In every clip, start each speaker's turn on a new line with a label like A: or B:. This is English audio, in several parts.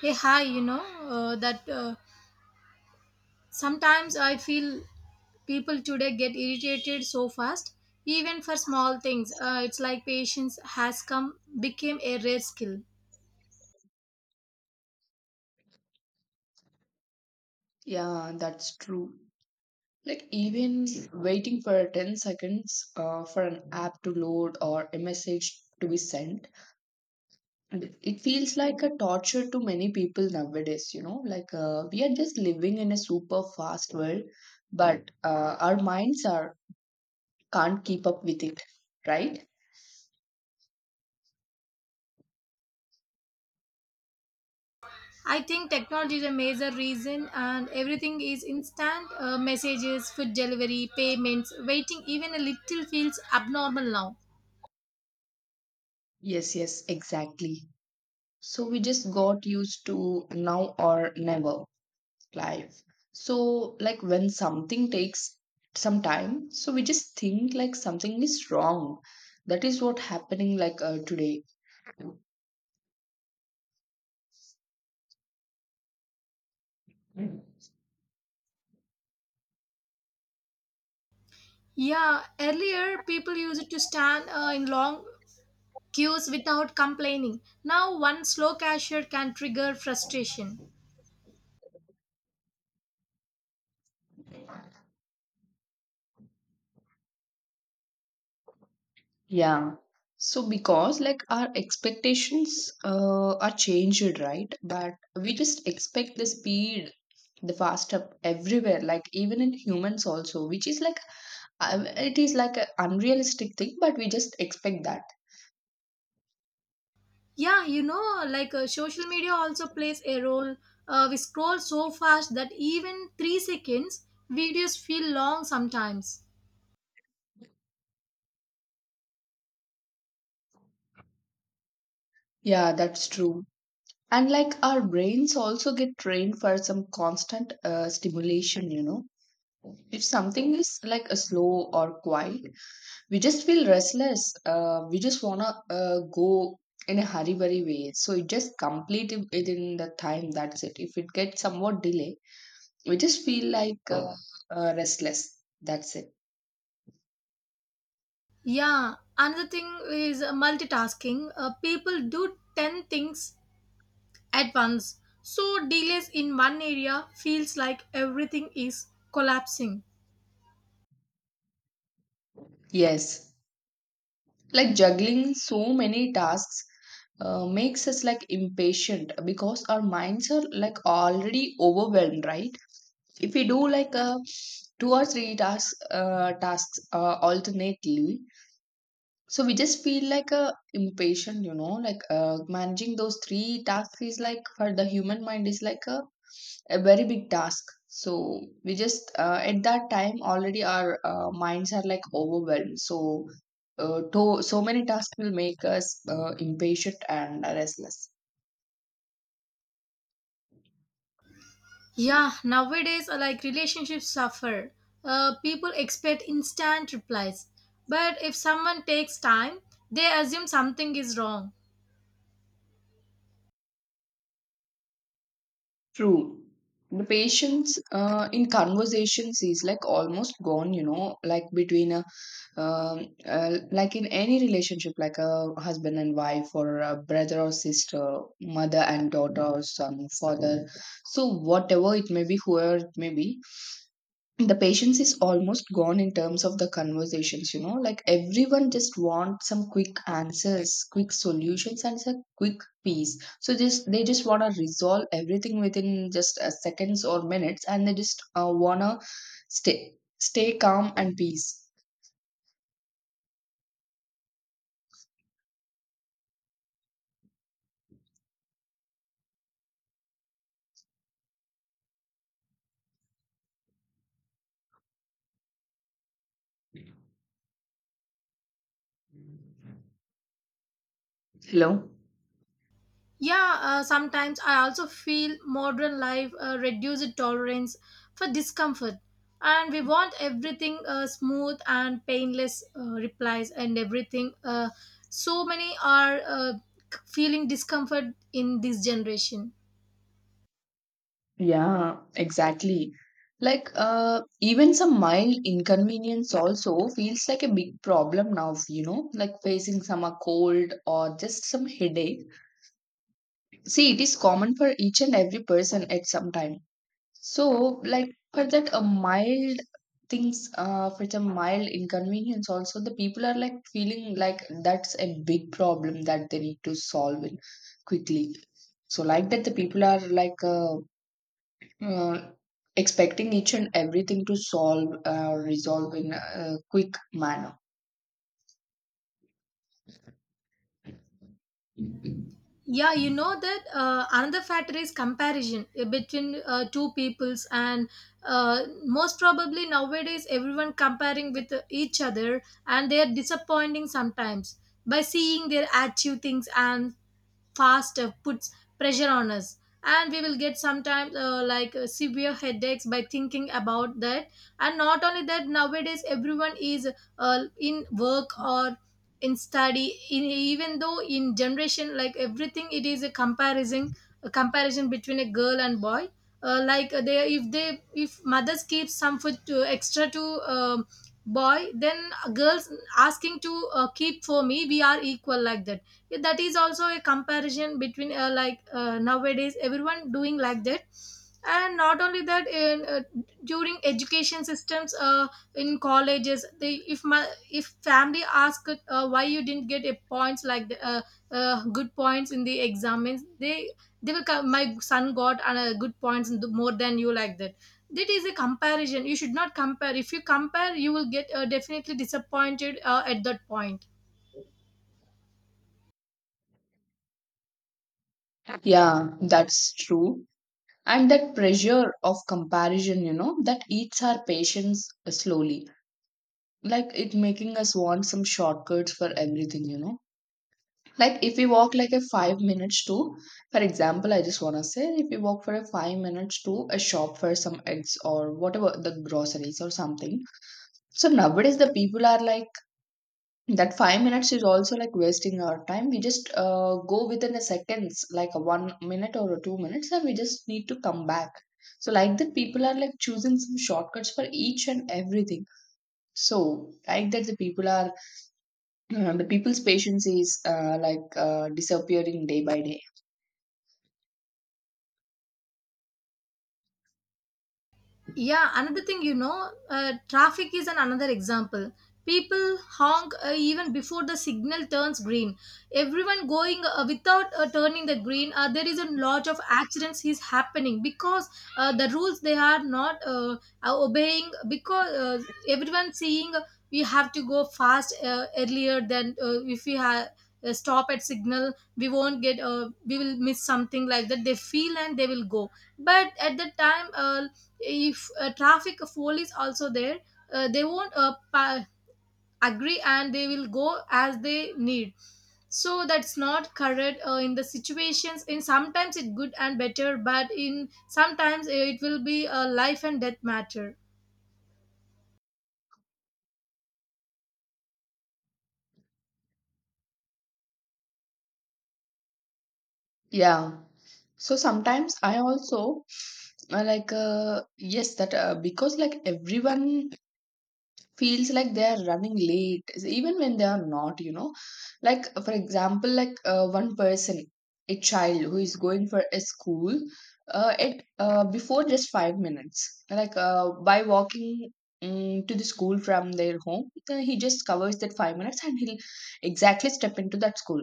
A: Hey, hi, you know, that sometimes I feel people today get irritated so fast, even for small things. It's like patience has became a rare skill.
B: Yeah, that's true. Like even waiting for 10 seconds for an app to load or a message to be sent, it feels like a torture to many people nowadays, you know? We are just living in a super fast world, but our minds are can't keep up with it, right?
A: I think technology is a major reason, and everything is instant messages, food delivery, payments, waiting, even a little feels abnormal now.
B: Yes, yes, exactly. So we just got used to now or never. Life. So, like when something takes some time, so we just think like something is wrong. That is what happening today.
A: Yeah, earlier people used to stand in long queues without complaining. Now, one slow cashier can trigger frustration.
B: Yeah. So because like our expectations are changed, right? But we just expect the speed, the fast up everywhere, like even in humans also, which is like it is like an unrealistic thing, but we just expect that.
A: Yeah, you know, social media also plays a role. We scroll so fast that even 3 seconds videos feel long sometimes.
B: Yeah, that's true. And like our brains also get trained for some constant stimulation, you know. If something is like a slow or quiet, we just feel restless. We just wanna go in a hurry, very way. So it just complete it within the time. That's it. If it gets somewhat delay, we just feel like restless. That's it.
A: Yeah, another thing is multitasking. People do 10 things at once. So, delays in one area feels like everything is collapsing.
B: Yes. Like juggling so many tasks makes us like impatient because our minds are like already overwhelmed, right? If we do like a two or three tasks alternately, so we just feel like a impatient, you know, like managing those three tasks is like for the human mind is like a very big task. So we just at that time already our minds are like overwhelmed. So so many tasks will make us impatient and restless.
A: Yeah, nowadays, relationships suffer. People expect instant replies. But if someone takes time, they assume something is wrong.
B: True. The patience in conversations is like almost gone, you know, like between a like in any relationship, like a husband and wife, or a brother or sister, mother and daughter, or son, father. So, whatever it may be, whoever it may be, the patience is almost gone in terms of the conversations, you know. Like everyone just wants some quick answers, quick solutions, and a quick peace. So, just they just want to resolve everything within just seconds or minutes, and they just want to stay calm and peace. Hello.
A: Yeah, sometimes I also feel modern life reduces tolerance for discomfort, and we want everything smooth and painless replies and everything. So many are feeling discomfort in this generation.
B: Yeah, exactly. Even some mild inconvenience also feels like a big problem now, you know, like facing some a cold or just some headache. See, it is common for each and every person at some time. So, like, for that, a mild things, for some mild inconvenience also, the people are like feeling like that's a big problem that they need to solve it quickly. So, like that, the people are uh, expecting each and everything to solve or resolve in a quick manner.
A: Yeah, you know that another factor is comparison between two peoples, and most probably nowadays everyone comparing with each other, and they are disappointing sometimes by seeing their achieve things, and fast puts pressure on us, and we will get sometimes severe headaches by thinking about that. And not only that, nowadays everyone is in work or in study in, even though in generation, like everything it is a comparison, a comparison between a girl and boy. They if they if mothers keep some food to, extra to boy, then girls asking to keep for me, we are equal, like that. Yeah, that is also a comparison between nowadays everyone doing like that. And not only that, in during education systems, in colleges, they if my if family ask why you didn't get a points like good points in the exams, they will come, my son got good points and more than you, like that. That is a comparison, you should not compare, if you compare you will get definitely disappointed at that point.
B: Yeah, that's true. And that pressure of comparison, you know, that eats our patience slowly. Like it making us want some shortcuts for everything, you know. Like if we walk like a 5 minutes to, for example, I just want to say if we walk for a 5 minutes to a shop for some eggs or whatever the groceries or something. So nowadays the people are like that 5 minutes is also like wasting our time. We just go within a seconds like a 1 minute or a 2 minutes and we just need to come back. So like that people are like choosing some shortcuts for each and everything. So like that the people are the people's patience is disappearing day by day.
A: Yeah, another thing, you know, traffic is an another example. People honk even before the signal turns green. Everyone going without turning the green. There is a lot of accidents is happening because the rules they are not obeying, because everyone seeing we have to go fast earlier than if we have. Stop at signal we won't get we will miss something, like that they feel, and they will go. But at the time if traffic fool is also there, they won't agree, and they will go as they need. So that's not correct in the situations, in sometimes it's good and better, but in sometimes it will be a life and death matter.
B: Yeah. So sometimes I also yes that because like everyone feels like they are running late even when they are not, you know. Like for example, one person, a child who is going for a school at before just 5 minutes by walking to the school from their home. He just covers that 5 minutes and he'll exactly step into that school.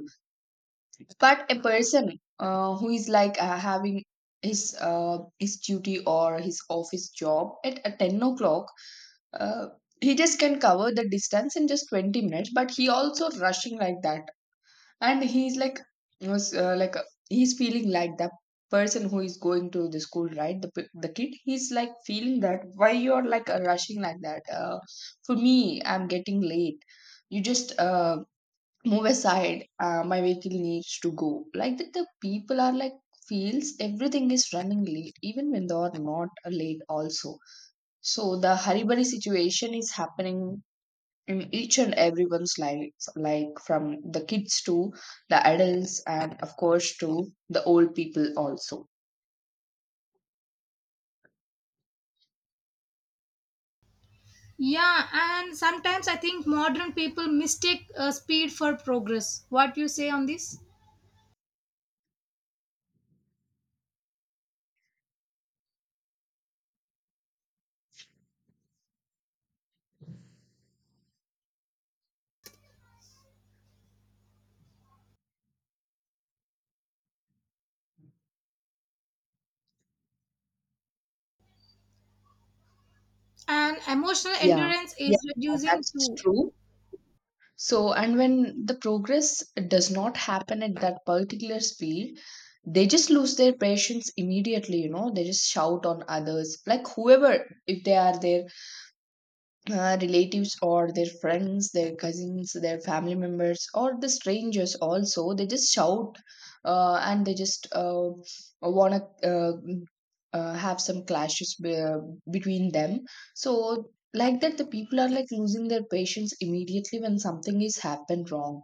B: But a person who is like having his uh, his duty or his office job at 10 o'clock. uh, he just can cover the distance in just 20 minutes but he also rushing like that. And he's like was like he's feeling like the person who is going to the school, right, the kid. He's like feeling that why you're like rushing like that. For me I'm getting late. You just move aside, my vehicle needs to go. Like that the people are like feels everything is running late even when they are not late also. So the Haribari situation is happening in each and everyone's lives, like from the kids to the adults, and of course to the old people also.
A: Yeah, and sometimes I think modern people mistake speed for progress, what you say on this, and emotional
B: Yeah.
A: endurance is
B: Yeah,
A: reducing
B: that's
A: too.
B: true. So, and when the progress does not happen at that particular speed, they just lose their patience immediately, you know, they just shout on others, like whoever, if they are there, relatives or their friends, their cousins, their family members, or the strangers also. They just shout and they just want to have some between them. So, like that, the people are like losing their patience immediately when something is happened wrong.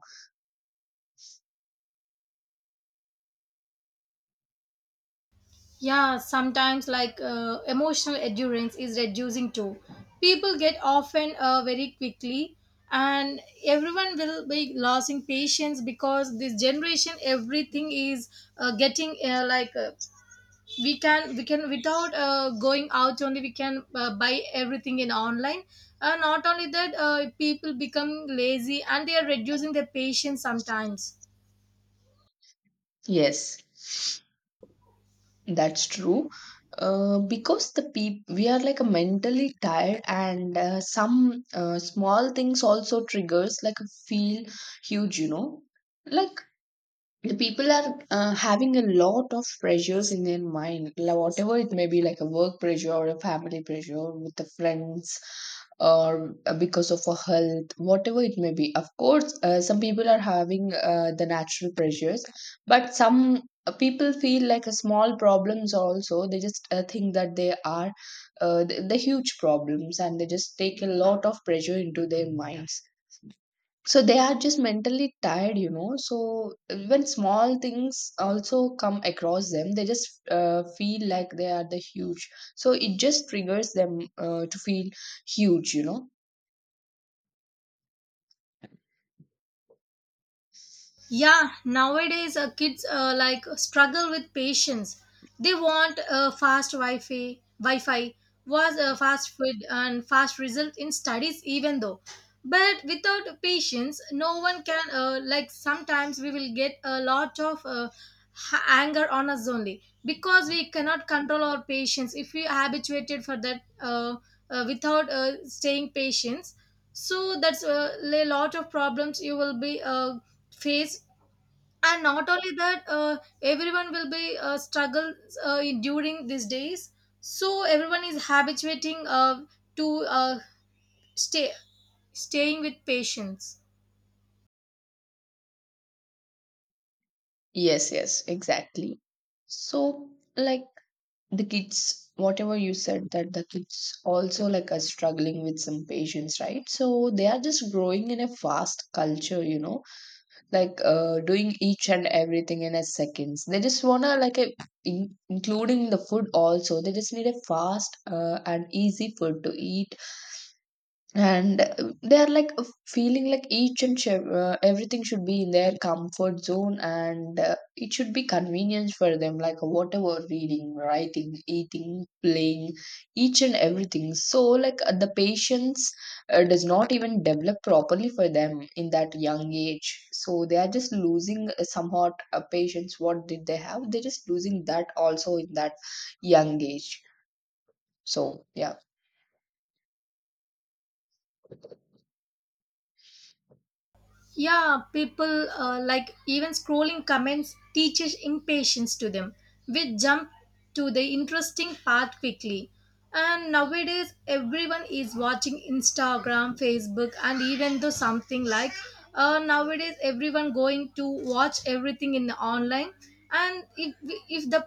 A: Yeah, sometimes emotional endurance is reducing too. People get often very quickly, and everyone will be losing patience, because this generation everything is getting we can without going out only we can buy everything in online. Not only that, people become lazy and they are reducing their patience sometimes.
B: Yes. That's true. Because the people we are like a mentally tired and some small things also triggers like a feel huge, you know. Like the people are having a lot of pressures in their mind, like whatever it may be, like a work pressure or a family pressure with the friends or because of a health, whatever it may be. Of course some people are having the natural pressures, but some people feel like a small problems also, they just think that they are the huge problems and they just take a lot of pressure into their minds. So they are just mentally tired, you know. So when small things also come across them, they just feel like they are the huge. So it just triggers them to feel huge, you know.
A: Yeah, nowadays, kids like struggle with patience. They want fast Wi-Fi, Wi-Fi was fast food and fast result in studies, even though. But without patience, no one can like sometimes we will get a lot of anger on us only, because we cannot control our patience if we are habituated for that, without staying patience. So that's a lot of problems you will be face. And not only that, everyone will be struggle during these days. So everyone is habituating to stay staying with patients.
B: Yes, yes, exactly. So like the kids, whatever you said that the kids also like are struggling with some patience, right? So they are just growing in a fast culture, you know. Like doing each and everything in a seconds. They just wanna including the food also. They just need a fast and easy food to eat and they are like feeling like each and everything should be in their comfort zone, and it should be convenience for them, like whatever reading, writing, eating, playing, each and everything. So like the patience does not even develop properly for them in that young age. So they are just losing somewhat patience what did they have, they're just losing that also in that young age. So yeah.
A: Yeah, people even scrolling comments teaches impatience to them. We jump to the interesting part quickly. And nowadays, everyone is watching Instagram, Facebook, and even though something like nowadays everyone going to watch everything in the online. And if the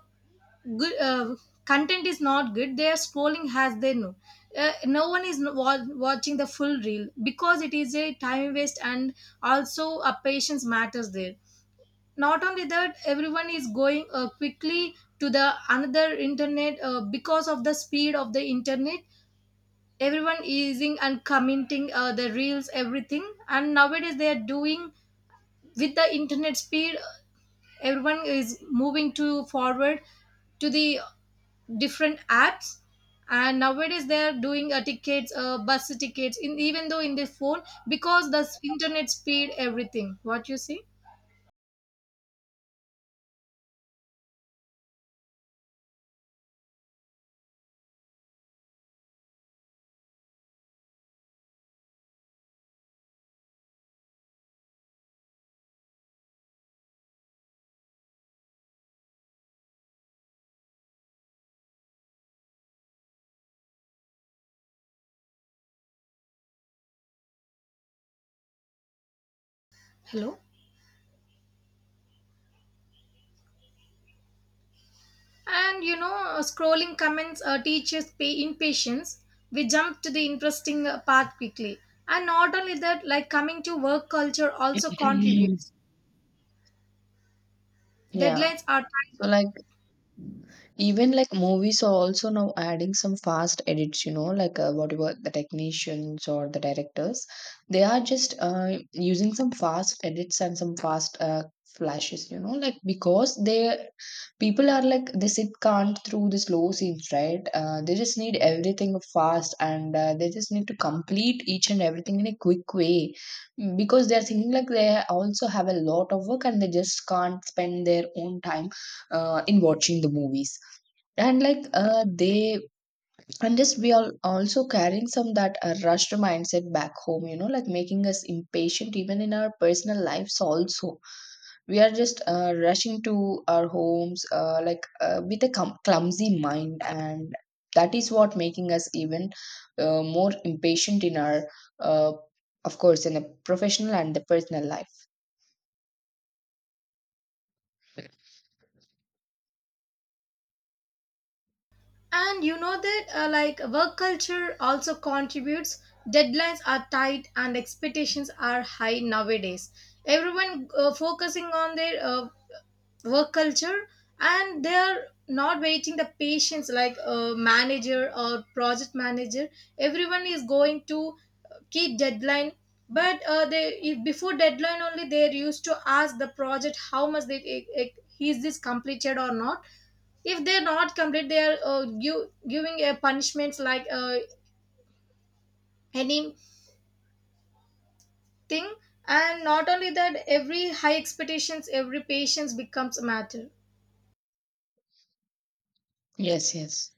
A: good content is not good, they are scrolling as they know. No one is watching the full reel because it is a time waste, and also a patience matters there. Not only that, everyone is going quickly to the another internet, because of the speed of the internet everyone using and commenting the reels, everything, and nowadays they are doing with the internet speed. Everyone is moving to forward to the different apps, and nowadays they are doing tickets, bus tickets in, even though in their phone, because the internet speed, everything what you see. Hello. And you know, scrolling comments teaches pay impatience, we jump to the interesting path quickly. And not only that, like coming to work culture also contributes,
B: Yeah.
A: deadlines are tight.
B: So like even like movies are also now adding some fast edits, you know, like whatever the technicians or the directors, they are just using some fast edits and some fast flashes, you know, like because they people are like they sit can't through the slow scenes, right? They just need everything fast and they just need to complete each and everything in a quick way, because they are thinking like they also have a lot of work and they just can't spend their own time in watching the movies. And like they and just we are also carrying some that rushed mindset back home, you know, like making us impatient even in our personal lives also. We are just rushing to our homes with a clumsy mind. And that is what making us even more impatient in our uh, of course in the professional and the personal life.
A: And you know that, work culture also contributes. Deadlines are tight and expectations are high nowadays. Everyone focusing on their work culture, and they're not waiting the patience like a manager or project manager. Everyone is going to keep deadline, but they if before deadline only they used to ask the project how much they is this completed or not. If they're not complete, they are giving a punishments like anything. And not only that, every high expectations every patience becomes a matter.
B: Yes, yes,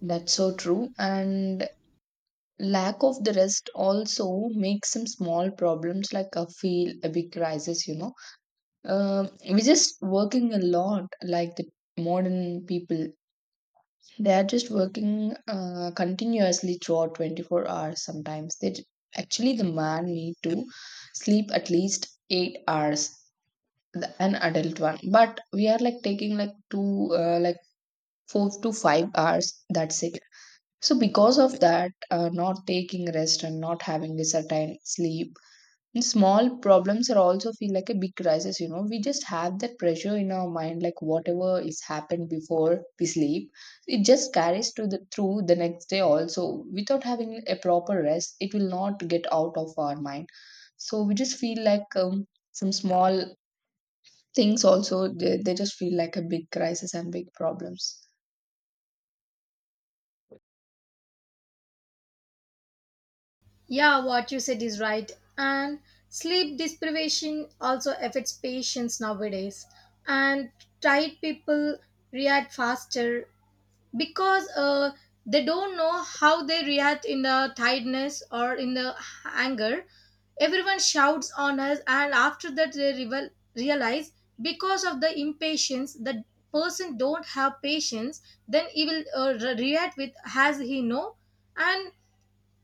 B: that's so true. And lack of the rest also makes some small problems like a feel a big crisis, you know. Um, we're just working a lot, like the modern people. They are just working continuously throughout 24 hours sometimes. They actually, the man need to sleep at least 8 hours, an adult one. But we are like taking like 4 to 5 hours. That's it. So, because of that, not taking rest and not having a certain sleep, and small problems are also feel like a big crisis. You know, we just have that pressure in our mind, like whatever is happened before we sleep, it just carries to the through the next day also. Without having a proper rest, it will not get out of our mind. So we just feel like some small things also they just feel like a big crisis and big problems.
A: Yeah, what you said is right. And sleep deprivation also affects patients nowadays. And tired people react faster, because they don't know how they react in the tiredness or in the anger. Everyone shouts on us, and after that they realize. Because of the impatience, the person don't have patience, then he will react with has he know. And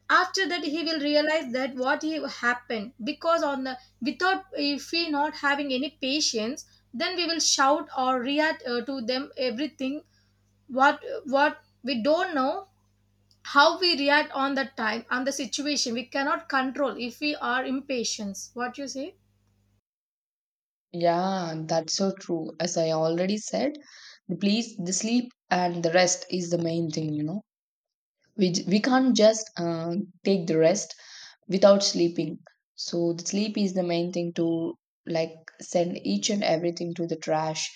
A: after that, he will realize that what he happened, because on the without if he not having any patience, then we will shout or react to them everything. What we don't know, how we react on the time on the situation, we cannot control if we are impatient, what you say.
B: Yeah, that's so true. As I already said, the sleep and the rest is the main thing, you know. We can't just take the rest without sleeping. So the sleep is the main thing to, like, send each and everything to the trash,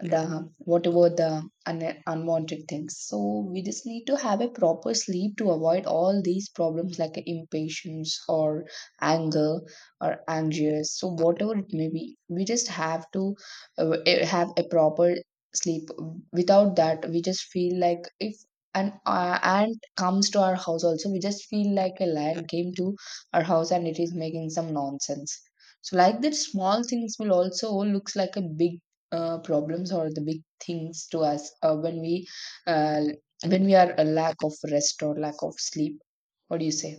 B: the whatever the unwanted things. So we just need to have a proper sleep to avoid all these problems like impatience or anger or anxious. So whatever it may be, we just have to have a proper sleep. Without that, we just feel like if an ant comes to our house also, we just feel like a lion came to our house and it is making some nonsense. So like that, small things will also looks like a big problems or the big things to us uh, when we are a lack of rest or lack of sleep. What do you say?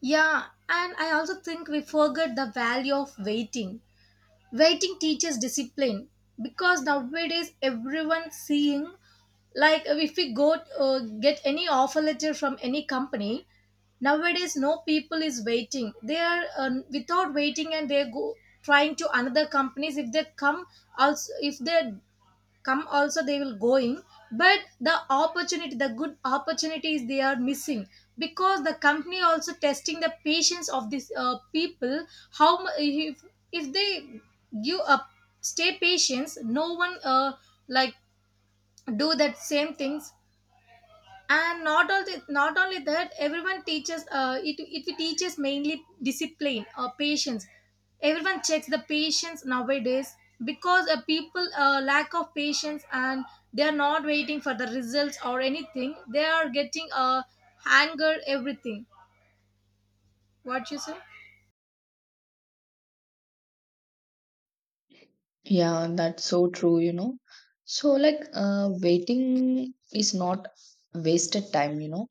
A: Yeah, and I also think we forget the value of waiting, waiting teaches discipline. Because nowadays everyone seeing like if we go get any offer letter from any company, nowadays no people is waiting, they are without waiting and they go trying to another companies. If they come also, if they come also they will going, but the opportunity, the good opportunities they are missing, because the company also testing the patience of these people. How if they give up, stay patience, no one like do that same things. And not only that, everyone teaches it teaches mainly discipline or patience. Everyone checks the patience nowadays, because people lack of patience, and they are not waiting for the results or anything, they are getting anger everything, what you say.
B: Yeah, that's so true, you know. So, like, waiting is not wasted time, you know.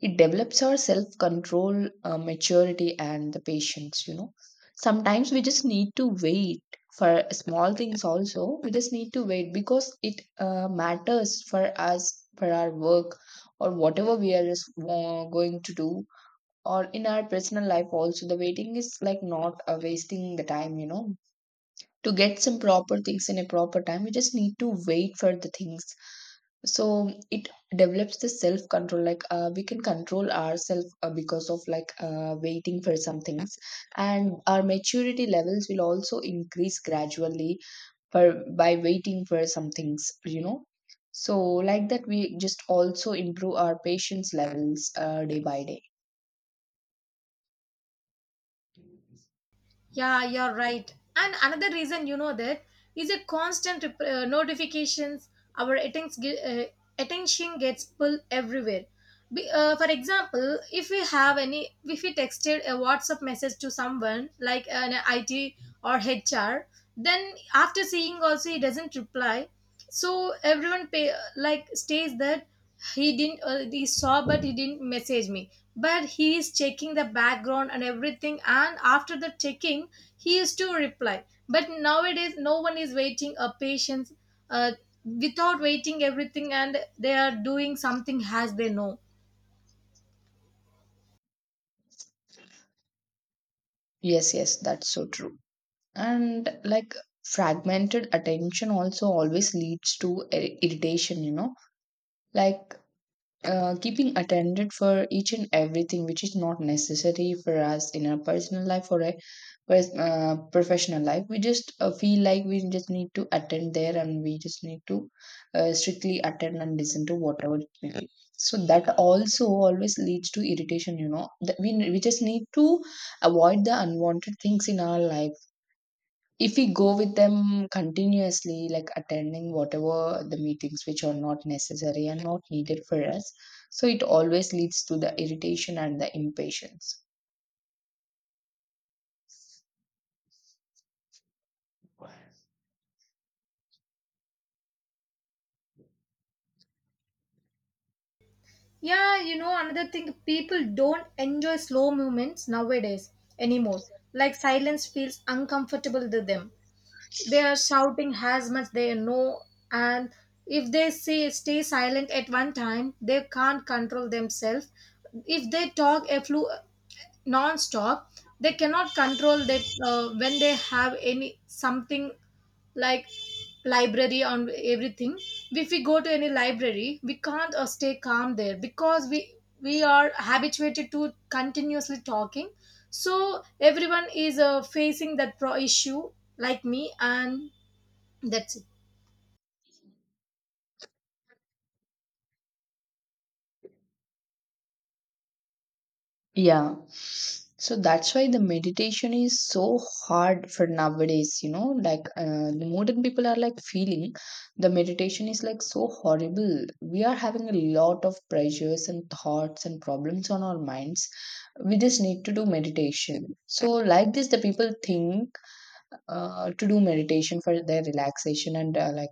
B: It develops our self control, maturity, and the patience, you know. Sometimes we just need to wait for small things, also. We just need to wait because it matters for us, for our work, or whatever we are just going to do, or in our personal life, also. The waiting is like not wasting the time, you know, to get some proper things in a proper time. We just need to wait for the things. So it develops the self control, like, we can control ourselves because of, like, waiting for some things, and our maturity levels will also increase gradually for, by waiting for some things, you know. So like that, we just also improve our patience levels day by day.
A: Yeah, you're right. And another reason, you know, that is a constant notifications. Our attention gets pulled everywhere. For example, if we have any, if we texted a WhatsApp message to someone like an IT or HR, then after seeing also he doesn't reply. So everyone pay, like stays that he didn't he saw but he didn't message me, but he is checking the background and everything, and after the checking he is to reply. But nowadays no one is waiting a patience, uh, without waiting everything, and they are doing something as they know.
B: Yes, yes, that's so true. And like fragmented attention also always leads to irritation, you know. Like, keeping attended for each and everything which is not necessary for us in our personal life or a professional life, we just feel like we just need to attend there and we just need to strictly attend and listen to whatever it may be. So that also always leads to irritation, you know, that we just need to avoid the unwanted things in our life. If we go with them continuously, like attending whatever the meetings which are not necessary and not needed for us, so it always leads to the irritation and the impatience.
A: Yeah, you know, another thing, people don't enjoy slow movements nowadays anymore, like silence feels uncomfortable to them. They are shouting as much they know, and if they say stay silent at one time they can't control themselves. If they talk non-stop, they cannot control they when they have any something like library on everything. If we go to any library we can't stay calm there, because we are habituated to continuously talking. So everyone is facing that pro issue, like me, and that's it.
B: Yeah. So that's why the meditation is so hard for nowadays, you know, like, the modern people are like feeling the meditation is like so horrible. We are having a lot of pressures and thoughts and problems on our minds. We just need to do meditation. So like this, the people think to do meditation for their relaxation and like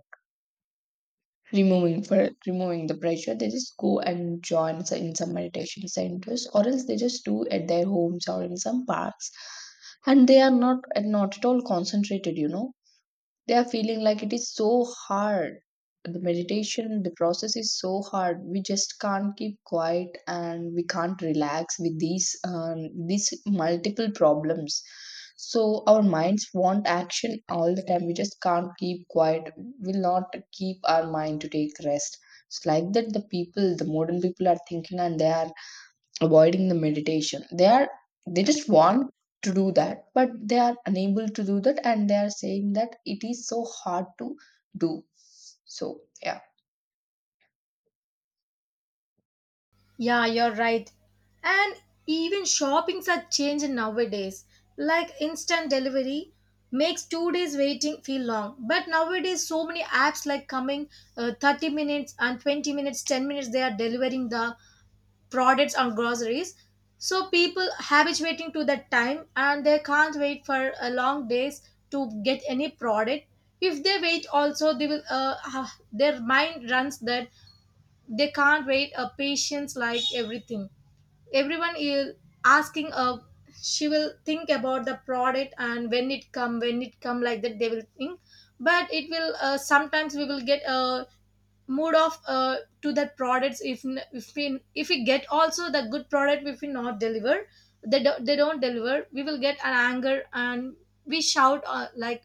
B: removing, for removing the pressure, they just go and join in some meditation centers, or else they just do at their homes or in some parks, and they are not, not at all concentrated, you know. They are feeling like it is so hard, the meditation, the process is so hard. We just can't keep quiet and we can't relax with these these multiple problems. So our minds want action all the time. We just can't keep quiet, will not keep our mind to take rest. It's like that the people, the modern people, are thinking, and they are avoiding the meditation. They are, they just want to do that, but they are unable to do that, and they are saying that it is so hard to do. So yeah.
A: Yeah, you're right. And even shoppings are changing nowadays. Like instant delivery makes 2 days waiting feel long. But nowadays, so many apps like coming 30 minutes and 20 minutes, 10 minutes, they are delivering the products and groceries. So people habituating to that time, and they can't wait for a long days to get any product. If they wait also, they will their mind runs that they can't wait a patience, like everything everyone is asking. She will think about the product and when it come when it come, like that they will think. But it will sometimes we will get a mood off to that products if if we, if we get also the good product, if we not deliver, they don't deliver, we will get an anger, and we shout like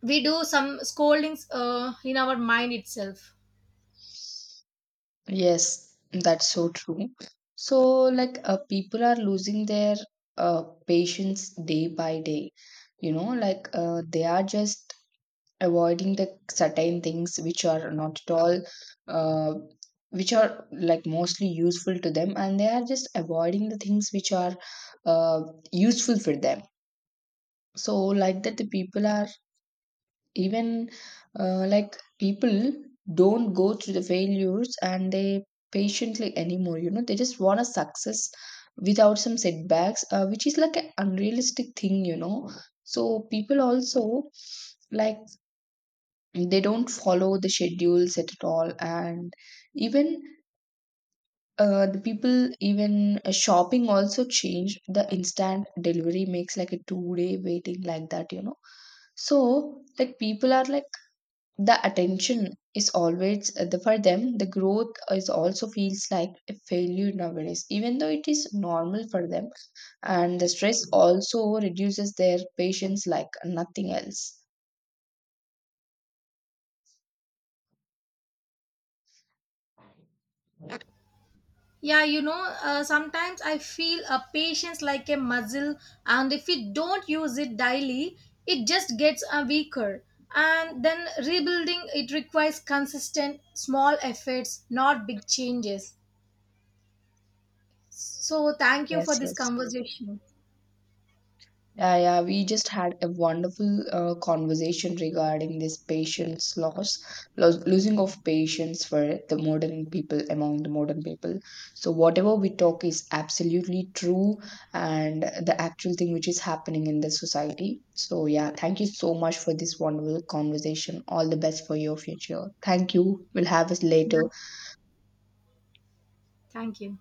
A: we do some scoldings in our mind itself.
B: Yes, that's so true. So, like, people are losing their patience day by day, you know. Like, they are just avoiding the certain things which are not at all uh, which are like mostly useful to them, and they are just avoiding the things which are uh, useful for them. So like that, the people are even like, people don't go through the failures and they patiently anymore, you know. They just want a success without some setbacks, which is like an unrealistic thing, you know. So people also, like, they don't follow the schedules at all. And even the people, even shopping also changed. The instant delivery makes like a 2-day waiting, like that, you know. So like, people are like, the attention is always for them, the growth is also feels like a failure nowadays, even though it is normal for them. And the stress also reduces their patience like nothing else.
A: Yeah, you know, sometimes I feel a patience like a muscle, and if we don't use it daily, it just gets weaker. And then rebuilding it requires consistent, small efforts, not big changes. So, thank you for
B: Yes,
A: this
B: yes.
A: conversation.
B: Yeah, yeah, we just had a wonderful conversation regarding this patience loss, losing of patience for the modern people, among the modern people. So whatever we talk is absolutely true, and the actual thing which is happening in the society. So yeah, thank you so much for this wonderful conversation. All the best for your future. Thank you. We'll have us
A: Yeah,
B: later.
A: thank you.